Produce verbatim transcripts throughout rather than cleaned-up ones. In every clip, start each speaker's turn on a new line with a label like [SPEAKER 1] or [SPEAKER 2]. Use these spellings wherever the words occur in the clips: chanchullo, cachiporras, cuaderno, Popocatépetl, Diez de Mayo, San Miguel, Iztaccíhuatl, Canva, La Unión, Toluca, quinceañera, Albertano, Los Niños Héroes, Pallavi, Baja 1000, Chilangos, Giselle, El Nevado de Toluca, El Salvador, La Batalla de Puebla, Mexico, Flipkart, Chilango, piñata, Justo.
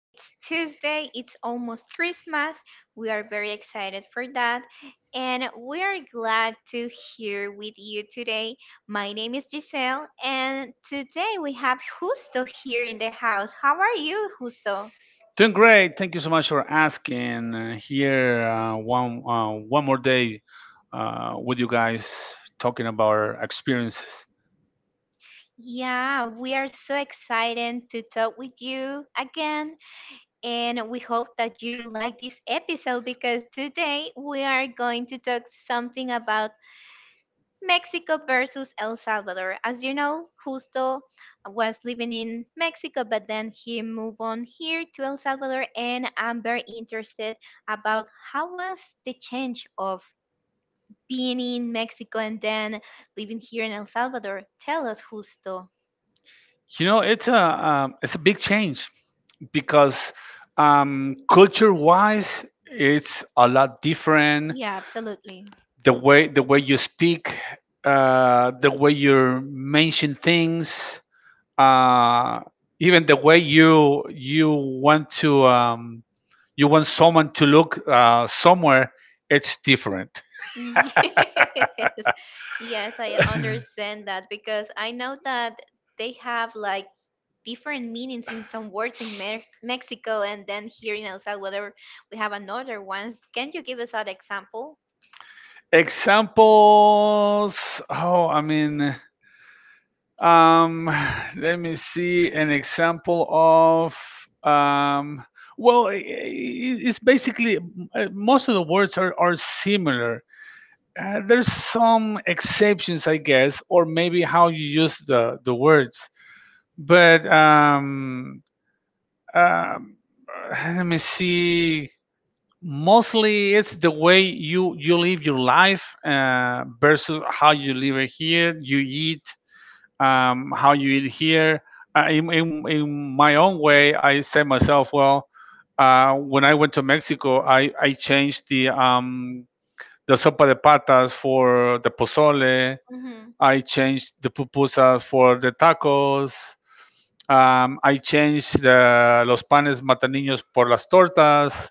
[SPEAKER 1] It's Tuesday, it's almost Christmas. We are very excited for that, and we are glad to hear with you today. My name is Giselle, and today we have Justo here in the house. How are you, Justo?
[SPEAKER 2] Doing great. Thank you so much for asking. Uh, here, uh, one uh, one more day uh, with you guys talking about our experiences.
[SPEAKER 1] Yeah, we are so excited to talk with you again, and we hope that you like this episode because today we are going to talk something about Mexico versus El Salvador. As you know, Justo was living in Mexico, but then he moved on here to El Salvador, and I'm very interested about how was the change of being in Mexico and then living here in El Salvador. Tell us, Justo.
[SPEAKER 2] You know, it's a um, it's a big change because um, culture-wise, it's a lot different.
[SPEAKER 1] Yeah, absolutely.
[SPEAKER 2] The way the way you speak, uh, the way you mention things, uh, even the way you you want to. Um, you want someone to look uh, somewhere. It's different.
[SPEAKER 1] Yes, yes, I understand that because I know that they have like different meanings in some words in Me- Mexico, and then here in El Salvador, we have another ones. Can you give us an example?
[SPEAKER 2] Examples. oh i mean um Let me see. An example of um well, i- i- it's basically, uh, most of the words are, are similar. Uh, there's some exceptions, I guess, or maybe how you use the the words, but um Um, let me see. Mostly, it's the way you you live your life uh, versus how you live it here. You eat, um, how you eat here. Uh, in, in in my own way, I said myself, well, uh, when I went to Mexico, I I changed the um the sopa de patas for the pozole.
[SPEAKER 1] Hmm.
[SPEAKER 2] I changed the pupusas for the tacos. Um, I changed the, los panes mataninos por las tortas,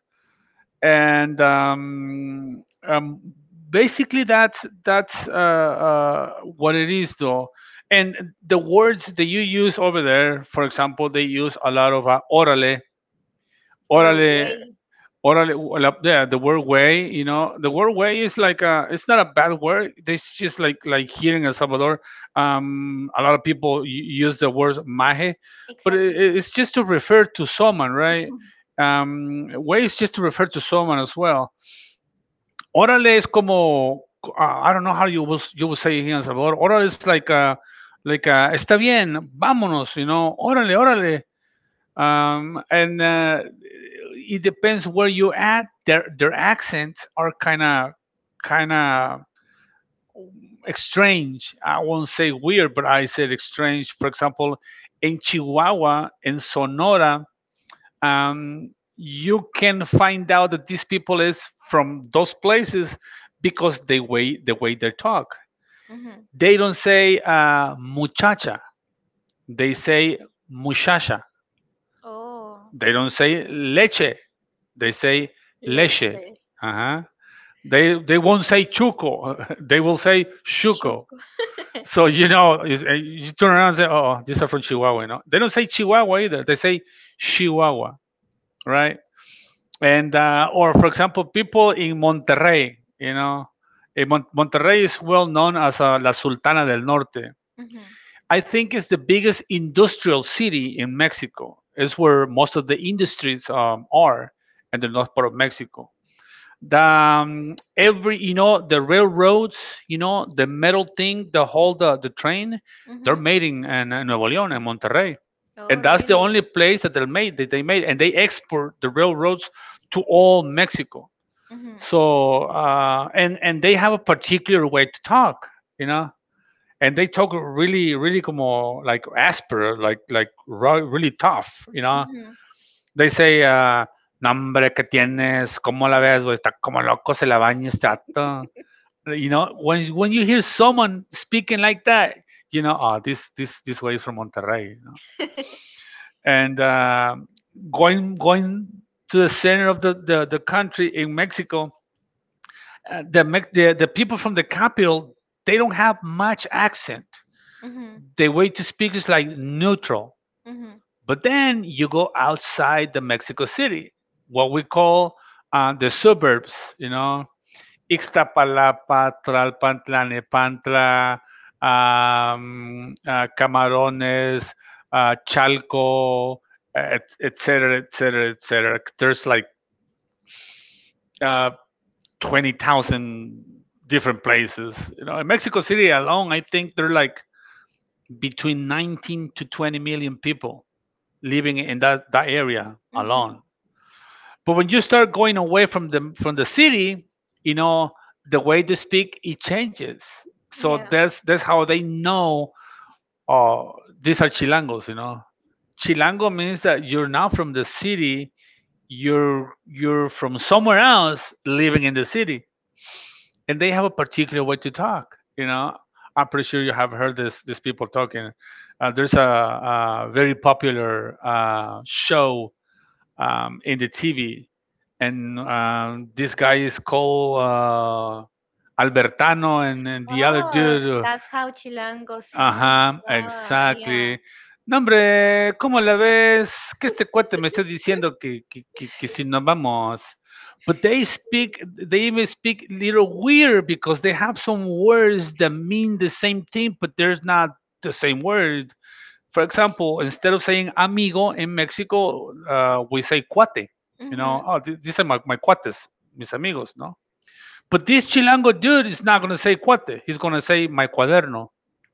[SPEAKER 2] and um, um, basically that's that's uh, uh, what it is, though. And the words that you use over there, for example, they use a lot of uh, orale.
[SPEAKER 1] Or a
[SPEAKER 2] Orale,
[SPEAKER 1] way?
[SPEAKER 2] orale, well, uh, yeah, the word way, you know, the word way is like a, it's not a bad word. It's just like like here in El Salvador. Um, a lot of people u- use the word maje, but it,
[SPEAKER 1] Exactly.
[SPEAKER 2] it- it's just to refer to someone, right? Um, way is just to refer to someone as well. Orale es como, uh, I don't know how you will you will say here in El Salvador. Orale is like a, like a, está bien, vámonos, you know, orale, orale. Um, and uh, it depends where you're at. Their their accents are kind of kind of strange. I won't say weird, but I said strange. For example, in Chihuahua, in Sonora, um, you can find out that these people is from those places because the way the way they talk.
[SPEAKER 1] Hmm.
[SPEAKER 2] They don't say uh, muchacha. They say muchacha.
[SPEAKER 1] Oh,
[SPEAKER 2] They don't say leche. They say leche.
[SPEAKER 1] leche,
[SPEAKER 2] Uh-huh. They they won't say chuco. They will say chuco.
[SPEAKER 1] sugar.
[SPEAKER 2] So, you know, is- uh, you turn around and say, "Oh, these are from Chihuahua." No? They don't say Chihuahua either. They say Chihuahua, right? And uh, or for example, people in Monterrey, you know, eh, Mon- Monterrey is well known as uh, La Sultana del Norte.
[SPEAKER 1] Hmm.
[SPEAKER 2] I think it's the biggest industrial city in Mexico. It's where most of the industries um, are, in the north part of Mexico. The, um, every You know, the railroads, you know, the metal thing that hold the, the train, they're
[SPEAKER 1] Hmm.
[SPEAKER 2] made in, in, in Nuevo León and Monterrey,
[SPEAKER 1] Oh,
[SPEAKER 2] and that's the
[SPEAKER 1] really?
[SPEAKER 2] only place that they made that they made, and they export the railroads to all Mexico.
[SPEAKER 1] Hmm.
[SPEAKER 2] So, uh, and and they have a particular way to talk. You know, and they talk really really como, like, asper like like ro- really tough, you know.
[SPEAKER 1] Hmm.
[SPEAKER 2] They say, uh "nombre, que tienes, como la ves güey? Está como loco, se la baña este vato." You know, when when you hear someone speaking like that, you know, oh, this this this way is from Monterrey, you know? And uh, going going to the center of the the, the country in Mexico, uh, the, Mex- the the people from the capital, they don't have much accent.
[SPEAKER 1] Hmm.
[SPEAKER 2] The way to speak is like neutral.
[SPEAKER 1] Hmm.
[SPEAKER 2] But then you go outside the Mexico City, what we call uh, the suburbs, you know, Ixtapalapa, Tlalpan, Tlanepantla, um, uh, Camarones, uh, Chalco, et, et cetera, et cetera, et cetera. There's like uh, twenty thousand different places. You know, in Mexico City alone, I think they're like between nineteen to twenty million people living in that, that area
[SPEAKER 1] Hmm.
[SPEAKER 2] alone. But when you start going away from the from the city, you know, the way they speak, it changes.
[SPEAKER 1] Yeah.
[SPEAKER 2] So that's that's how they know. Oh, these are Chilangos. You know, Chilango means that you're not from the city. You're you're from somewhere else, living in the city, and they have a particular way to talk. You know, I'm pretty sure you have heard this these people talking. Uh, there's a, a very popular uh, show um, in the T V, and um, this guy is called uh, Albertano, and, and the other
[SPEAKER 1] Oh,
[SPEAKER 2] dude.
[SPEAKER 1] that's how Chilango sounds.
[SPEAKER 2] Ajá,
[SPEAKER 1] Ah, yeah.
[SPEAKER 2] exactly. "No, hombre, ¿cómo la ves? Que este cuate me está diciendo que, que, que, que si nos vamos." But they speak, they even speak little weird because they have some words that mean the same thing, but there's not the same word. For example, instead of saying amigo in Mexico, uh, we say cuate. You
[SPEAKER 1] Hmm.
[SPEAKER 2] know, oh, th- these are my, my cuates, mis amigos, no? But this Chilango dude is not going to say cuate. He's going to say my cuaderno.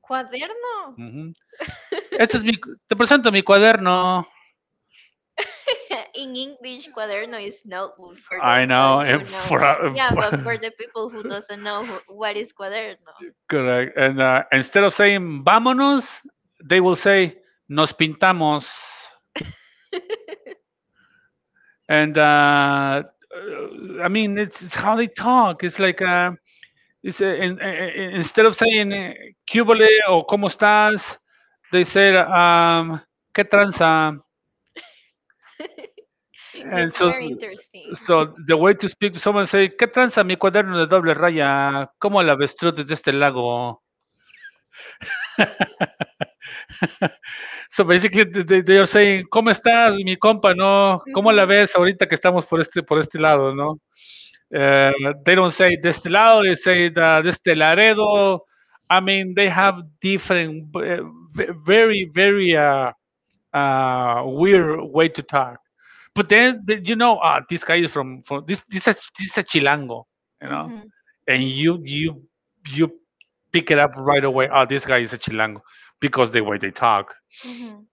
[SPEAKER 1] Cuaderno.
[SPEAKER 2] Hmm. Este es mi, te presento mi cuaderno.
[SPEAKER 1] In English, cuaderno is notebook for
[SPEAKER 2] I
[SPEAKER 1] those that
[SPEAKER 2] know.
[SPEAKER 1] you
[SPEAKER 2] And
[SPEAKER 1] know.
[SPEAKER 2] for, uh,
[SPEAKER 1] Yeah, but for
[SPEAKER 2] for-
[SPEAKER 1] the people who doesn't know who, what is cuaderno,
[SPEAKER 2] correct. And uh, instead of saying vámonos, they will say nos pintamos. And uh, uh, I mean, it's, it's how they talk. It's like uh, it's uh, in, in, Instead of saying eh, "cubole" or "cómo estás," they say um, "qué tranza." And
[SPEAKER 1] it's
[SPEAKER 2] so,
[SPEAKER 1] very interesting.
[SPEAKER 2] so the way to speak to someone, say, "qué tranza mi cuaderno de doble raya, cómo el avestruz desde este lago." So basically they, they are saying, ¿cómo estás, mi compa? ¿No? ¿Cómo la
[SPEAKER 1] Mhm,
[SPEAKER 2] ves ahorita que estamos por este, por este lado, no? Uh, they don't say de este lado, they say de este Laredo. I mean, they have different, uh, ve- very, very uh, uh, weird way to talk. But then, the- you know, uh, this guy is from, from this this is this is a Chilango, you know,
[SPEAKER 1] mhm,
[SPEAKER 2] and you you you pick it up right away. Oh, this guy is a Chilango because the way they talk.
[SPEAKER 1] mhm.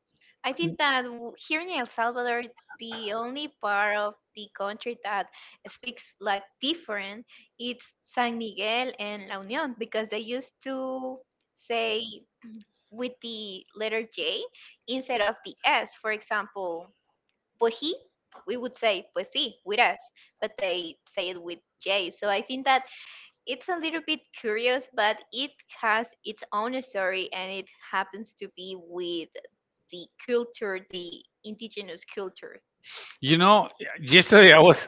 [SPEAKER 1] I think that w- here in El Salvador, the only part of the country that speaks like different it's San Miguel and La Unión because they used to say with the letter J instead of the S. For example, Pues he, we would say pues sí with us, but they say it with J. So I think that it's a little bit curious, but it has its own story and it happens to be with the culture, the indigenous culture.
[SPEAKER 2] You know, yesterday I was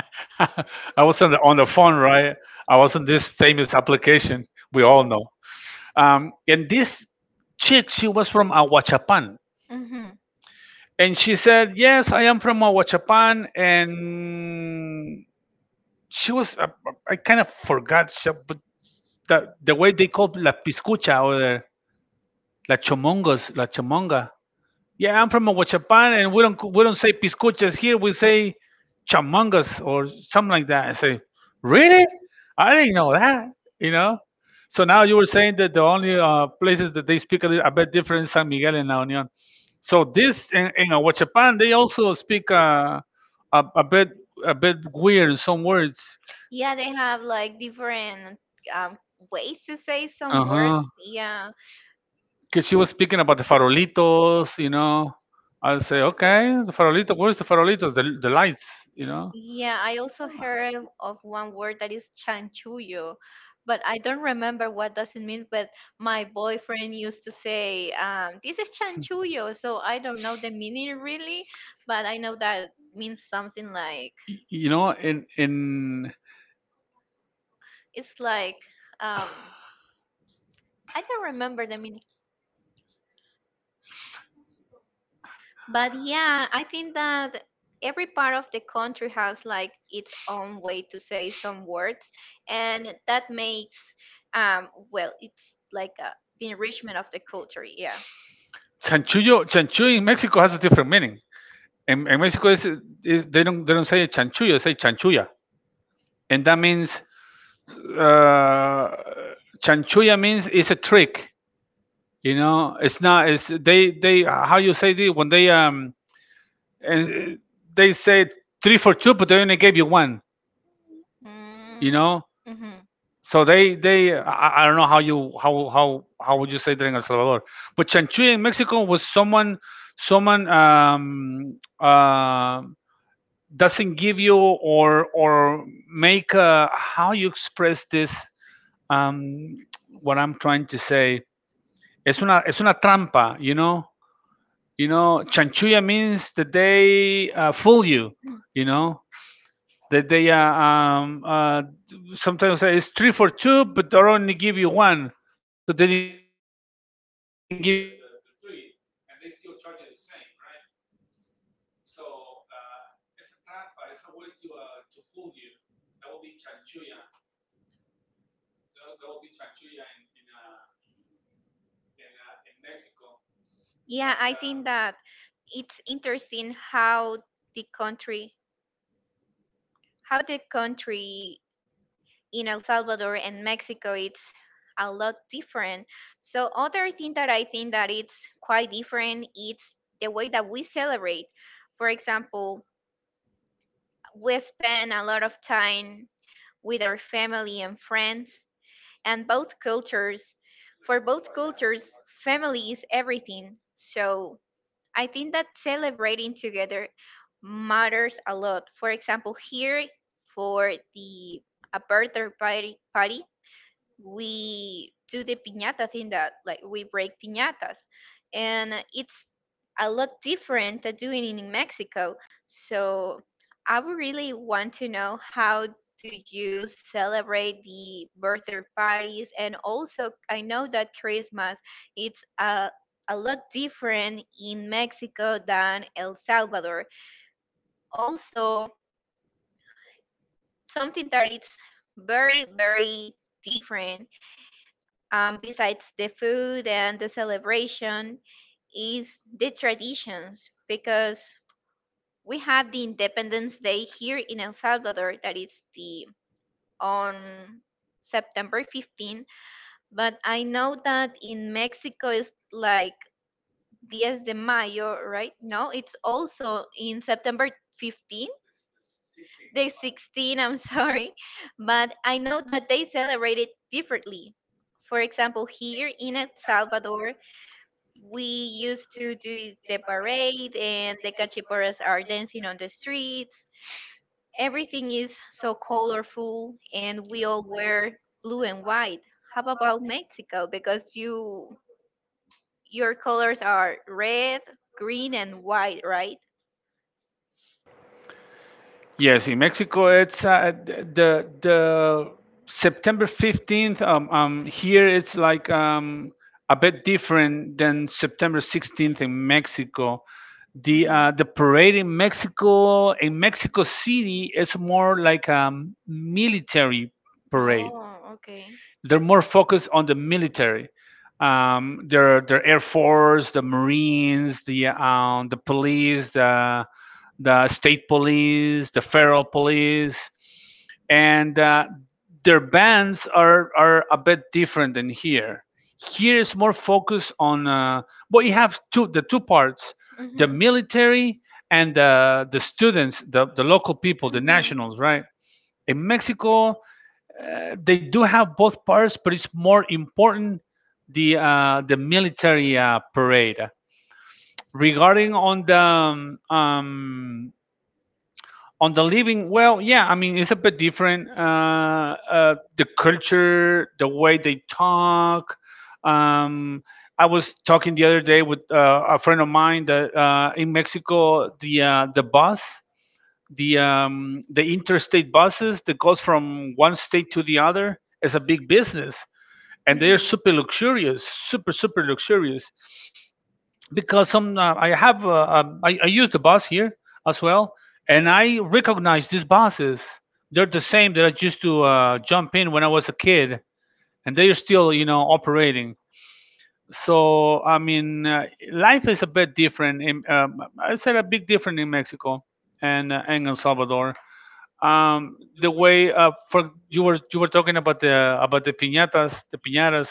[SPEAKER 2] I was on the on the phone, right? I was on this famous application we all know, um, and this chick, she was from Aguachapan.
[SPEAKER 1] Hmm.
[SPEAKER 2] And she said, "Yes, I am from Ahuachapan." And she was, I, I kind of forgot, she- but the, the way they called la piscucha or la chomongos, la chomonga. "Yeah, I'm from Aguachapan, and we don't we don't say piscuchas here. We say chamangas or something like that." I say, "Really? I didn't know that." You know. So now you were saying that the only uh, places that they speak a, little, a bit different is San Miguel and La Union. So this in, in Aguachapan, they also speak uh, a a bit a bit weird in some words.
[SPEAKER 1] Yeah, they have like different um, ways to say some
[SPEAKER 2] Uh
[SPEAKER 1] words.
[SPEAKER 2] huh.
[SPEAKER 1] Yeah.
[SPEAKER 2] Because she was speaking about the farolitos, you know. I'll say, okay, the farolito. Where's the farolitos? The the lights, you know.
[SPEAKER 1] Yeah, I also heard of of one word that is chanchullo, but I don't remember what does it mean. But my boyfriend used to say, um, "This is chanchullo," so I don't know the meaning really, but I know that means something like
[SPEAKER 2] Y- You know, in in
[SPEAKER 1] it's like um, I don't remember the meaning. But yeah, I think that every part of the country has like its own way to say some words, and that makes um well, it's like a the enrichment of the culture. Yeah.
[SPEAKER 2] chanchullo, chanchullo in Mexico has a different meaning. In, in Mexico, is, is they don't they don't say chanchullo, they say chanchulla, and that means, uh, chanchulla means it's a trick. You know, it's not. It's they they How you say it when they, um and uh, they say "three for two," but they only gave you one. You
[SPEAKER 1] Mm,
[SPEAKER 2] know,
[SPEAKER 1] mm-hmm.
[SPEAKER 2] so they they I, I don't know how you how how how would you say that in El Salvador, but chanchulla in Mexico was someone someone um, uh, doesn't give you or or make a, how you express this, um, what I'm trying to say. Es una es una trampa, you know. You know, chanchulla means that they uh, fool you, you know, that they uh, um, uh, sometimes say it's "three for two," but they only give you one, so they didn't give you the, the, the three, and they still charge you the same, right? So uh, it's a trampa, it's a way to uh, to fool you. That would be chanchulla. That, that would be chanchulla in in uh, in uh, in Mexico,
[SPEAKER 1] Yeah,
[SPEAKER 2] and
[SPEAKER 1] I think
[SPEAKER 2] um,
[SPEAKER 1] that it's interesting how the country, how the country in El Salvador and Mexico it's a lot different. So other thing that I think that it's quite different it's the way that we celebrate. For example, we spend a lot of time with our family and friends and both cultures for both cultures family is everything. So I think that celebrating together matters a lot. For example, here for the a birthday party, party we do the piñata thing that like we break piñatas and it's a lot different than doing it in Mexico. So I would really want to know how do you celebrate the birthday parties. And also I know that Christmas it's a a lot different in Mexico than El Salvador. Also something that it's very very different. Um, besides the food and the celebration, is the traditions because we have the Independence Day here in El Salvador that is the on September fifteenth, but I know that in Mexico it's like Diez de Mayo, right? No, it's also in September fifteenth, the sixteenth, I'm sorry. But I know that they celebrate it differently. For example, here in El Salvador, we used to do the parade and the cachiporras are dancing on the streets. Everything is so colorful and we all wear blue and white. How about Mexico? Because you your colors are red, green, and white, right?
[SPEAKER 2] yes, in Mexico, it's uh, the the September fifteenth. Um, um, here it's like um, a bit different than September sixteenth in Mexico. The
[SPEAKER 1] Mm-hmm.
[SPEAKER 2] uh, the parade in Mexico, in Mexico City, is more like a military parade.
[SPEAKER 1] Oh, okay.
[SPEAKER 2] They're more focused on the military. Um, their their Air Force, the Marines, the um, the police, the the state police, the federal police, and uh, their bands are are a bit different than here. Here is more focus on, uh, well, you have two the two parts: the
[SPEAKER 1] Mm-hmm.
[SPEAKER 2] military and the the students, the the local people, the
[SPEAKER 1] Mm-hmm.
[SPEAKER 2] nationals, right? In Mexico, uh, they do have both parts, but it's more important the uh, the military uh, parade regarding on the um, um, on the living. Well, yeah, I mean it's a bit different. Uh, uh, the culture, the way they talk. um, I was talking the other day with uh, a friend of mine that uh, in Mexico the uh, the bus the um, the interstate buses that goes from one state to the other is a big business, and they're super luxurious, super super
[SPEAKER 1] Mm-hmm.
[SPEAKER 2] luxurious, because some uh, I have uh, um, I, I use the bus here as well, and I recognize these buses. They're the same that I used to uh, jump in when I was a kid, and they're still you know operating. So I mean, uh, life is a bit different. In, um, I said a big different in Mexico and uh, and El Salvador. Um, the way uh, for you were you were talking about the about the piñatas, the piñatas.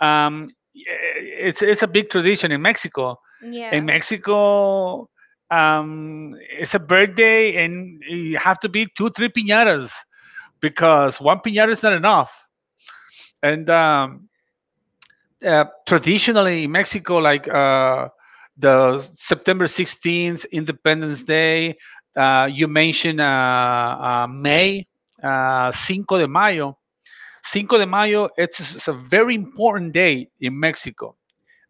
[SPEAKER 2] Um, eh, it's it's a big tradition in Mexico. In
[SPEAKER 1] Yeah.
[SPEAKER 2] Mexico, um, it's a birthday, and you have to be two three piñatas because one piñata is not enough. And um, uh, traditionally in Mexico, like uh, the September sixteenth, Independence Day. Uh, you mentioned uh, uh, May, uh, Cinco de Mayo. Cinco de Mayo, it's, it's a very important day in Mexico.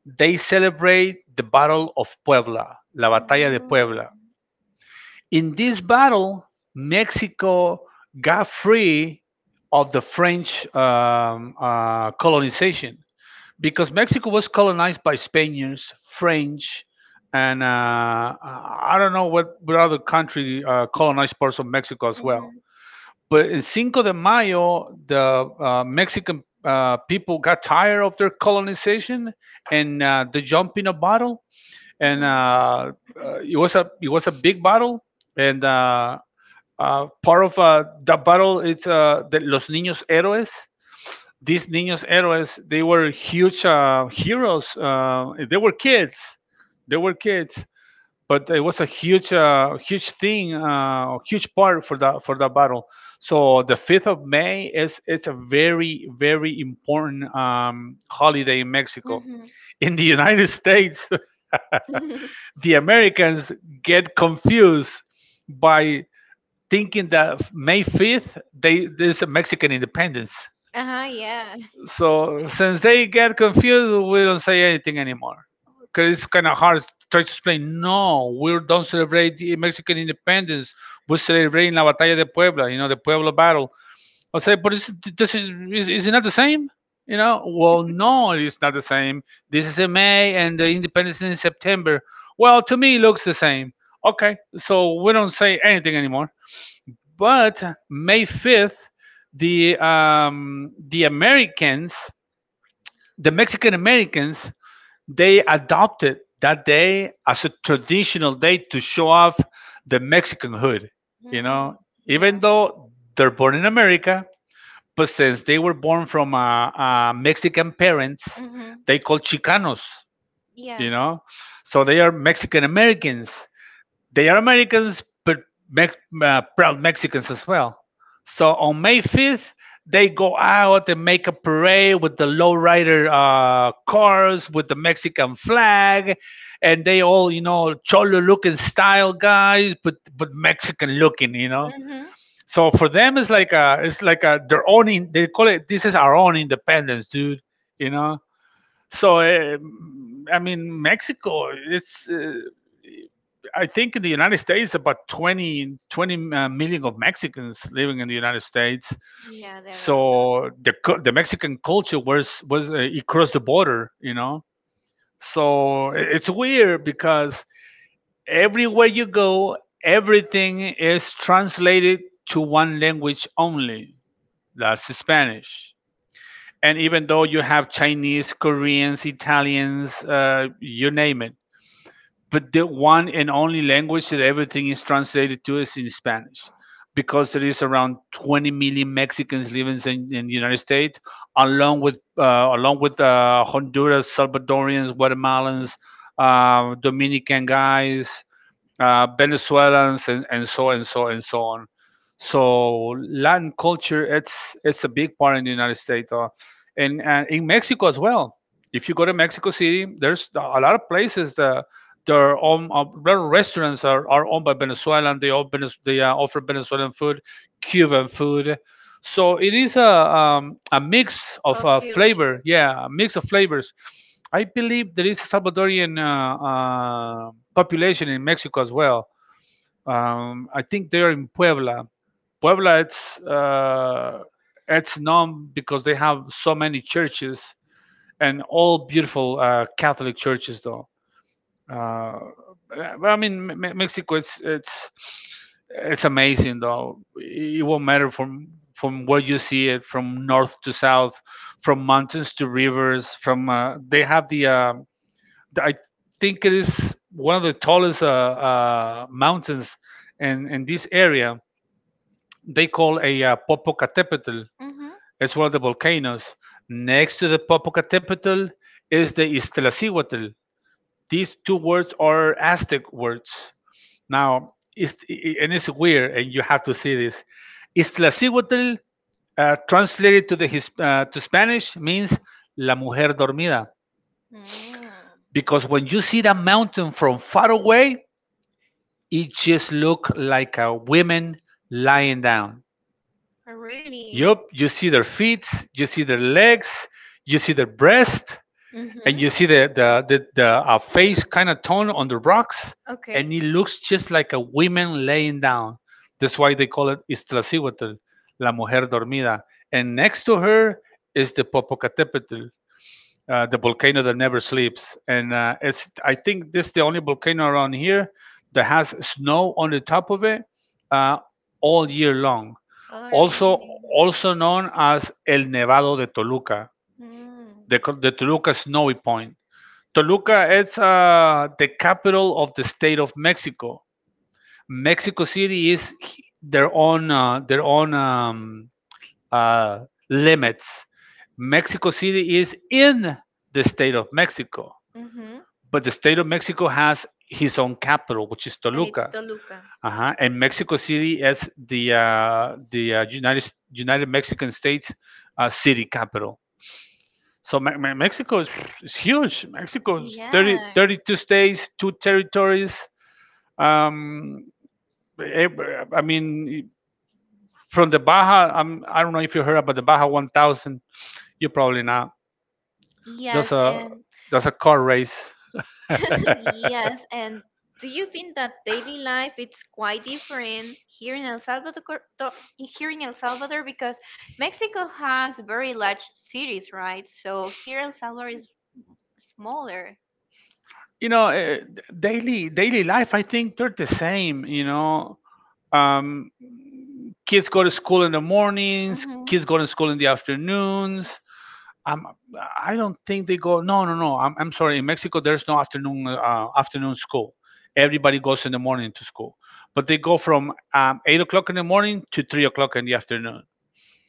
[SPEAKER 2] They celebrate the Battle of Puebla, La Batalla de
[SPEAKER 1] Mm-hmm.
[SPEAKER 2] Puebla. In this battle, Mexico got free of the French um, uh, colonization because Mexico was colonized by Spaniards, French, and uh, uh, I don't know what, what other country uh, colonized parts of Mexico as well. But in Cinco de Mayo, the uh, Mexican uh, people got tired of their colonization and uh, the jump in a bottle, and
[SPEAKER 1] Mm-hmm.
[SPEAKER 2] uh, uh, it was a it was a big bottle, and uh, uh, part of uh, the battle is uh, the Los Niños Héroes. These Niños Héroes, they were huge uh, heroes. Uh, they were kids. They were kids, but it was a huge, uh, huge thing, uh, a huge part for the for the battle. So the fifth of May is it's a very very important um, holiday in Mexico.
[SPEAKER 1] Mm-hmm.
[SPEAKER 2] In the United States, the Americans get confused by thinking that May fifth, they there's a Mexican independence.
[SPEAKER 1] Uh-huh, yeah.
[SPEAKER 2] So since they get confused, we don't say anything anymore. Because it's kind of hard to try to explain, no, we don't celebrate the Mexican independence. We're celebrating La Batalla de Puebla, you know, the Puebla battle. I say, but is, this is, is, is it not the same? You know, well, no, it's not the same. This is in May and the independence in September. Well, to me, it looks the same. Okay, so we don't say anything anymore. But May fifth, the um, the Americans, the Mexican Americans, they adopted that day as a traditional day to show off the Mexican hood. You know,
[SPEAKER 1] Mm-hmm. Yeah.
[SPEAKER 2] even though they're born in America, but since they were born from uh, uh, Mexican parents,
[SPEAKER 1] Mm-hmm.
[SPEAKER 2] they called Chicanos.
[SPEAKER 1] Yeah.
[SPEAKER 2] You know, so they are Mexican Americans. They are Americans, but Mex- uh, proud Mexicans as well. So on May fifth, they go out and make a parade with the lowrider uh, cars, with the Mexican flag, and they all, you know, cholo looking style guys, but but Mexican looking, you know.
[SPEAKER 1] Mm-hmm.
[SPEAKER 2] So for them, it's like a, it's like a their own. In, they call it this is our own independence, dude. You know. So uh, I mean, Mexico. It's uh, I think in the United States, about twenty twenty uh, million of Mexicans living in the United States.
[SPEAKER 1] Yeah, there are lot
[SPEAKER 2] So the cu- the Mexican culture was was uh, it crossed the border, you know. So i- it's weird because everywhere you go, everything is translated to one language only. That's Spanish. And even though you have Chinese, Koreans, Italians, uh, you name it, but the one and only language that everything is translated to is in Spanish, because there is around twenty million Mexicans living in, in the United States, along with uh, along with uh, Honduras, Salvadorians, Guatemalans, uh, Dominican guys, uh, Venezuelans, and, and so and so and so on. So Latin culture, it's it's a big part in the United States, uh, and and in Mexico as well. If you go to Mexico City, there's a lot of places that their own uh, their restaurants are, are owned by Venezuelan. They all Venez- they uh, offer Venezuelan food, Cuban food, so it is a um, a mix of
[SPEAKER 1] of
[SPEAKER 2] uh,
[SPEAKER 1] culture.
[SPEAKER 2] flavor. Yeah, a mix of flavors. I believe there is Salvadorian uh, uh, population in Mexico as well. Um, I think they are in Puebla. Puebla, it's uh, it's known because they have so many churches and all beautiful uh, Catholic churches, though. Uh, yeah, but I mean, Me- Me- Mexico, it's it's it's amazing though. It won't matter from from where you see it, from north to south, from mountains to rivers. From uh, They have the uh, the- I think it is one of the tallest uh, uh, mountains in in this area. They call a uh, Popocatépetl.
[SPEAKER 1] Mm-hmm.
[SPEAKER 2] It's one of the volcanoes. Next to the Popocatépetl is the Iztaccíhuatl. These two words are Aztec words now, it's, and it's weird, and you have to see this. Iztaccíhuatl, uh, translated to the his, uh, to Spanish, means la mujer dormida.
[SPEAKER 1] Mm.
[SPEAKER 2] Because when you see that mountain from far away, it just look like a woman lying down.
[SPEAKER 1] Really?
[SPEAKER 2] Yup, you see their feet, you see their legs, you see their breast, and
[SPEAKER 1] Mm-hmm.
[SPEAKER 2] you see the the the, the uh, face kind of tone on the rocks, and
[SPEAKER 1] Okay.
[SPEAKER 2] it looks just like a woman laying down. That's why they call it Iztaccíhuatl, la mujer dormida. And next to her is the Popocatépetl, uh, the volcano that never sleeps. And uh, it's I think this is the only volcano around here that has snow on the top of it uh, all year long.
[SPEAKER 1] Oh,
[SPEAKER 2] Also,
[SPEAKER 1] really?
[SPEAKER 2] also known as El Nevado de Toluca,
[SPEAKER 1] Mm.
[SPEAKER 2] the, the Toluca Snowy Point. Toluca is uh, the capital of the state of Mexico. Mexico City is their own uh, their own um, uh, limits. Mexico City is in the state of Mexico,
[SPEAKER 1] Mm-hmm.
[SPEAKER 2] but the state of Mexico has his own capital, which is
[SPEAKER 1] And it's
[SPEAKER 2] Toluca.
[SPEAKER 1] Toluca.
[SPEAKER 2] Uh-huh. And Mexico City is the uh, the uh, United United Mexican States uh, city capital. So Me- Me- Mexico is, is huge. Mexico is thirty
[SPEAKER 1] Yeah.
[SPEAKER 2] thirty-two states, two territories. Um, eh, I mean, from the Baja. I'm, I i do not know if you heard about the Baja thousand. You probably not. That's
[SPEAKER 1] Yes,
[SPEAKER 2] a
[SPEAKER 1] and
[SPEAKER 2] that's a car race.
[SPEAKER 1] yes, and do you think that daily life it's quite different here in El Salvador to- here in El Salvador because Mexico has very large cities, right? So here El Salvador is smaller.
[SPEAKER 2] you know, eh, daily daily life. I think they're the same. You know, um, Kids go to school in the mornings.
[SPEAKER 1] Mm-hmm.
[SPEAKER 2] Kids go to school in the afternoons. I'm, I don't think they go. No, no, no. I'm, I'm sorry. In Mexico, there's no afternoon uh, afternoon school. Everybody goes in the morning to school, but they go from um, eight o'clock in the morning to three o'clock in the afternoon.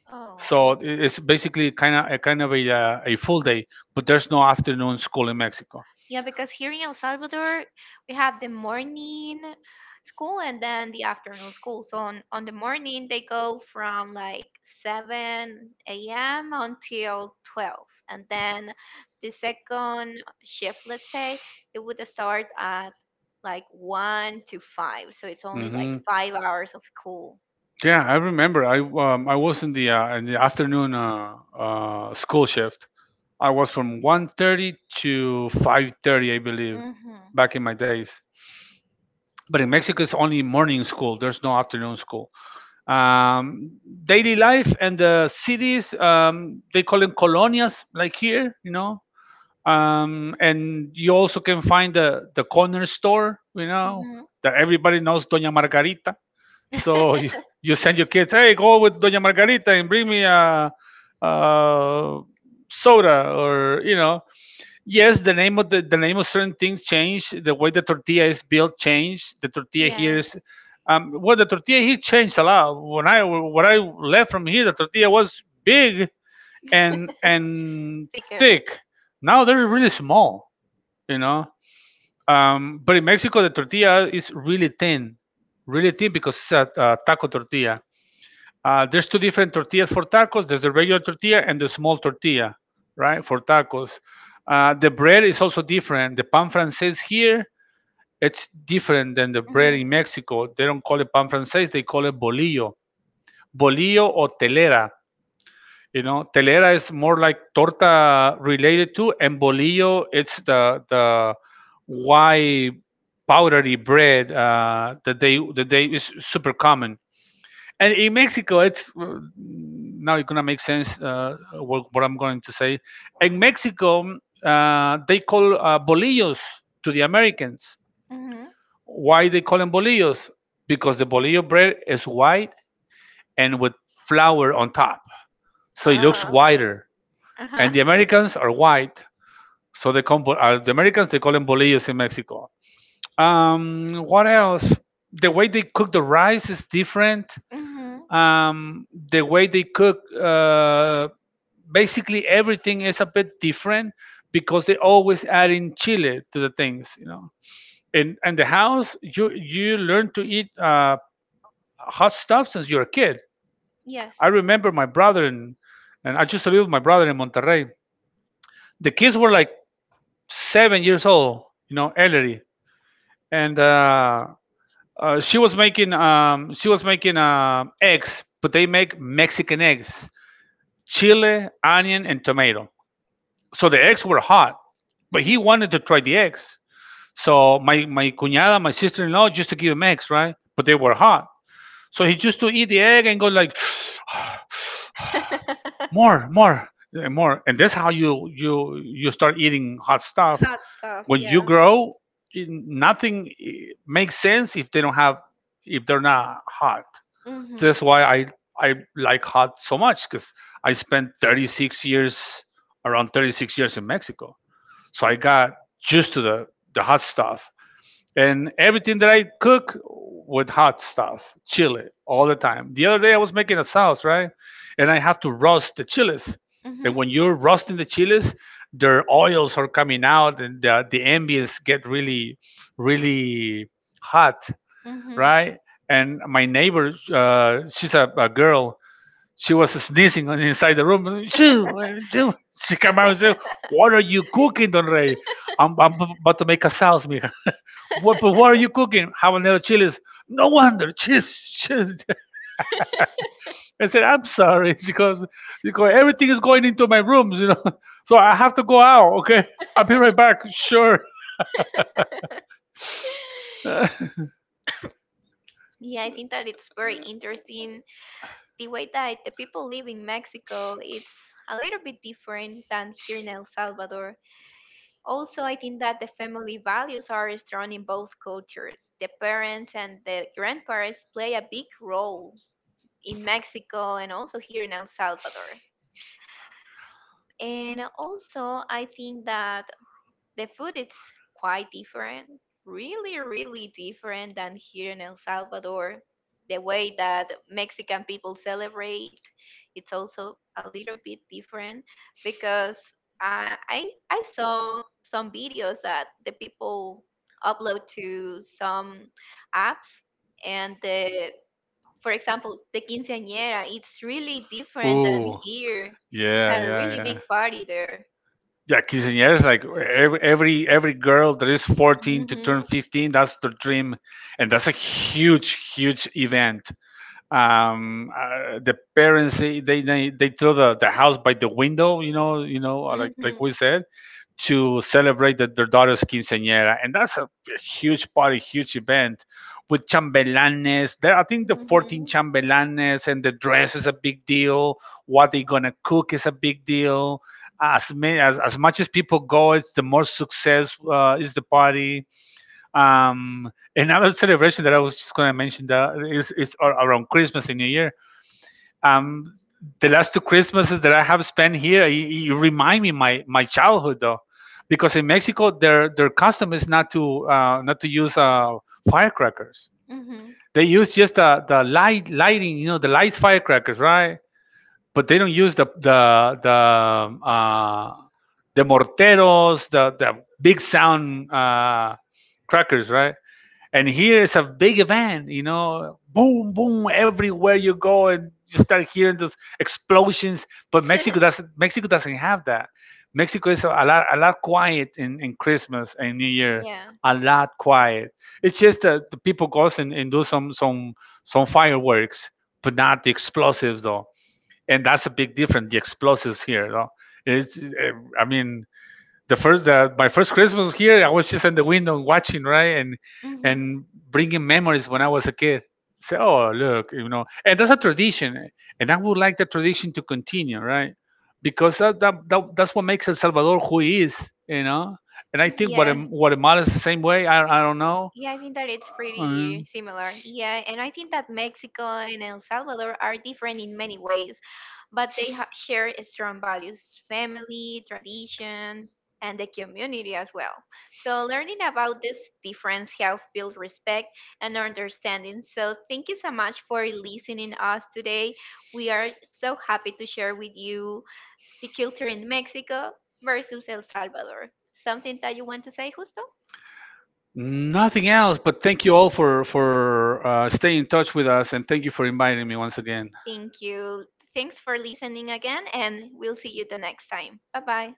[SPEAKER 1] Oh,
[SPEAKER 2] So
[SPEAKER 1] okay.
[SPEAKER 2] i- it's basically kind of a kind of a uh, a full day, but there's no afternoon school in Mexico.
[SPEAKER 1] Yeah, because here in El Salvador, we have the morning school and then the afternoon school. So on, on the morning, they go from like seven a m until twelve. And then the second shift, let's say, it would start at like one to five. So it's only like
[SPEAKER 2] Hmm.
[SPEAKER 1] five hours of school.
[SPEAKER 2] Yeah, I remember. I um, I was in the uh, in the afternoon uh, uh, school shift. I was from one thirty to five thirty, I believe.
[SPEAKER 1] Mm-hmm.
[SPEAKER 2] Back in my days. But in Mexico, it's only morning school. There's no afternoon school. Um, Daily life and the cities, um, they call them colonias, like here, you know. Um, and you also can find the the corner store, you know,
[SPEAKER 1] Mm-hmm.
[SPEAKER 2] that everybody knows Doña Margarita. So you, you send your kids, hey, go with Doña Margarita and bring me a, a soda or you know Yes, the name of the, the name of certain things change. The way the tortilla is built change. The tortilla
[SPEAKER 1] Yeah,
[SPEAKER 2] here is, um, well, the tortilla here changed a lot. When I when I left from here, the tortilla was big and and
[SPEAKER 1] thicker.
[SPEAKER 2] thick. Now they're really small, you know. Um, but in Mexico, the tortilla is really thin, really thin because it's a, a taco tortilla. Uh, there's two different tortillas for tacos. There's the regular tortilla and the small tortilla, right, for tacos. Uh, the bread is also different. The pan francés here, it's different than the bread in
[SPEAKER 1] Mm-hmm.
[SPEAKER 2] Mexico. They don't call it pan francés, they call it bolillo. Bolillo or telera. You know, telera is more like torta related to, and bolillo, it's the the white powdery bread uh, that they that they is super common. And in Mexico, it's now it's gonna make sense uh, what, what I'm going to say. In Mexico, uh, they call uh, bolillos to the Americans.
[SPEAKER 1] Mm-hmm.
[SPEAKER 2] Why they call them bolillos? Because the bolillo bread is white and with flour on top, so it
[SPEAKER 1] Uh,
[SPEAKER 2] looks whiter.
[SPEAKER 1] uh-huh.
[SPEAKER 2] And the Americans are white, so they call uh, the Americans they call them bolillos in Mexico. Um, what else? The way they cook the rice is different.
[SPEAKER 1] Mm-hmm.
[SPEAKER 2] Um, the way they cook uh, basically everything is a bit different because they always add in chili to the things. You know, in in the house, you you learn to eat uh, hot stuff since you're a kid.
[SPEAKER 1] Yes.
[SPEAKER 2] I remember my brother and and I used to live with my brother in Monterrey. The kids were like seven years old, you know, Ellery and uh, uh, she was making um, she was making um eggs, but they make Mexican eggs: chili, onion and tomato. So the eggs were hot, but he wanted to try the eggs. So my my cuñada, my sister-in-law, used to give him eggs, right? But they were hot. So he used to eat the egg and go like, more, more, and more. And that's how you you you start eating hot stuff.
[SPEAKER 1] Hot stuff,
[SPEAKER 2] When you
[SPEAKER 1] yeah.
[SPEAKER 2] grow, it- nothing eh, makes sense if they don't have, if they're not hot.
[SPEAKER 1] Mhm.
[SPEAKER 2] That's why I I like hot so much, because I spent thirty-six years, around thirty-six years in Mexico. So I got just to the, the hot stuff. And everything that I cook with hot stuff, chili all the time. The other day I was making a sauce, right? And I have to roast the chilies.
[SPEAKER 1] Mhm.
[SPEAKER 2] And when you're roasting the chilies, their oils are coming out and the, the ambience get really, really hot,
[SPEAKER 1] Mhm.
[SPEAKER 2] right? And my neighbor, uh, she's a, a girl, she was sneezing on inside the room. She, she came out and said, "What are you cooking, Don Rey? I'm, I'm about to make a sauce, mija. What? But what are you cooking? Habanero chilies. No wonder. Cheese, cheese." I said, "I'm sorry," because because everything is going into my rooms, you know. So I have to go out. Okay, I'll be right back. Sure.
[SPEAKER 1] Yeah, I think that it's very interesting the way that the people live in Mexico. It's a little bit different than here in El Salvador. Also, I think that the family values are strong in both cultures. The parents and the grandparents play a big role in Mexico and also here in El Salvador. And also, I think that the food is quite different, really, really different than here in El Salvador. The way that Mexican people celebrate, it's also a little bit different because uh, I I saw some videos that the people upload to some apps, and the for example the quinceañera, it's really different than
[SPEAKER 2] Ooh.
[SPEAKER 1] here. It's
[SPEAKER 2] Yeah,
[SPEAKER 1] a
[SPEAKER 2] yeah,
[SPEAKER 1] really big
[SPEAKER 2] yeah.
[SPEAKER 1] party there.
[SPEAKER 2] Yeah, quinceañeras, like every every every girl that is fourteen to
[SPEAKER 1] Hmm.
[SPEAKER 2] turn fifteen, that's the dream, and that's a huge, huge event. Um uh, the parents, they they they they throw the, the house by the window, you know. You know, uh, like like
[SPEAKER 1] Hmm.
[SPEAKER 2] we said, to celebrate the, their daughter's quinceañera. And that's a huge party, huge event, with chambelanes there. I think the fourteen
[SPEAKER 1] Mhm.
[SPEAKER 2] chambelanes, and the dress is a big deal, what they are gonna cook is a big deal. As many as, as much as people go, it's the more success uh, is the party. Um, another celebration that I was just going to mention that is, is ar- around Christmas and New Year. Um, the last two Christmases that I have spent here, you, you remind me my my childhood, though, because in Mexico their their custom is not to uh, not to use uh, firecrackers.
[SPEAKER 1] Mhm.
[SPEAKER 2] They use just the, the light, lighting, you know, the lights, firecrackers, right? But they don't use the the the um, uh, the morteros, the the big sound uh, crackers, right? And here is a big event, you know. Boom, boom everywhere you go, and you start hearing those explosions. But Mexico doesn't, mexico doesn't have that. Mexico is a lot, a lot quiet in, in Christmas and New Year,
[SPEAKER 1] Yeah.
[SPEAKER 2] a lot quiet. It's just that the people goes and, and do some, some some fireworks, but not the explosives, though. And that's a big difference, the explosives here though. it's eh, I mean, the first, the my first Christmas here, I was just in the window watching, right, and
[SPEAKER 1] Mhm.
[SPEAKER 2] and bringing memories when I was a kid. Say, oh look, you know, and that's a tradition, and I would like the tradition to continue, right, because that, that, that that's what makes El Salvador who he is, you know. And I think
[SPEAKER 1] Yes.
[SPEAKER 2] Guatem- Guatemala is the same way. I I don't know.
[SPEAKER 1] Yeah, I think that it's pretty
[SPEAKER 2] Um,
[SPEAKER 1] similar. Yeah, and I think that Mexico and El Salvador are different in many ways, but they ha share strong values, family, tradition, and the community as well. So learning about this difference help build respect and understanding. So thank you so much for listening us today. We are so happy to share with you the culture in Mexico versus El Salvador. Something that you want to say, Justo?
[SPEAKER 2] Nothing else, but thank you all for for uh, staying in touch with us, and thank you for inviting me once again.
[SPEAKER 1] Thank you. Thanks for listening again, and we'll see you the next time. Bye bye.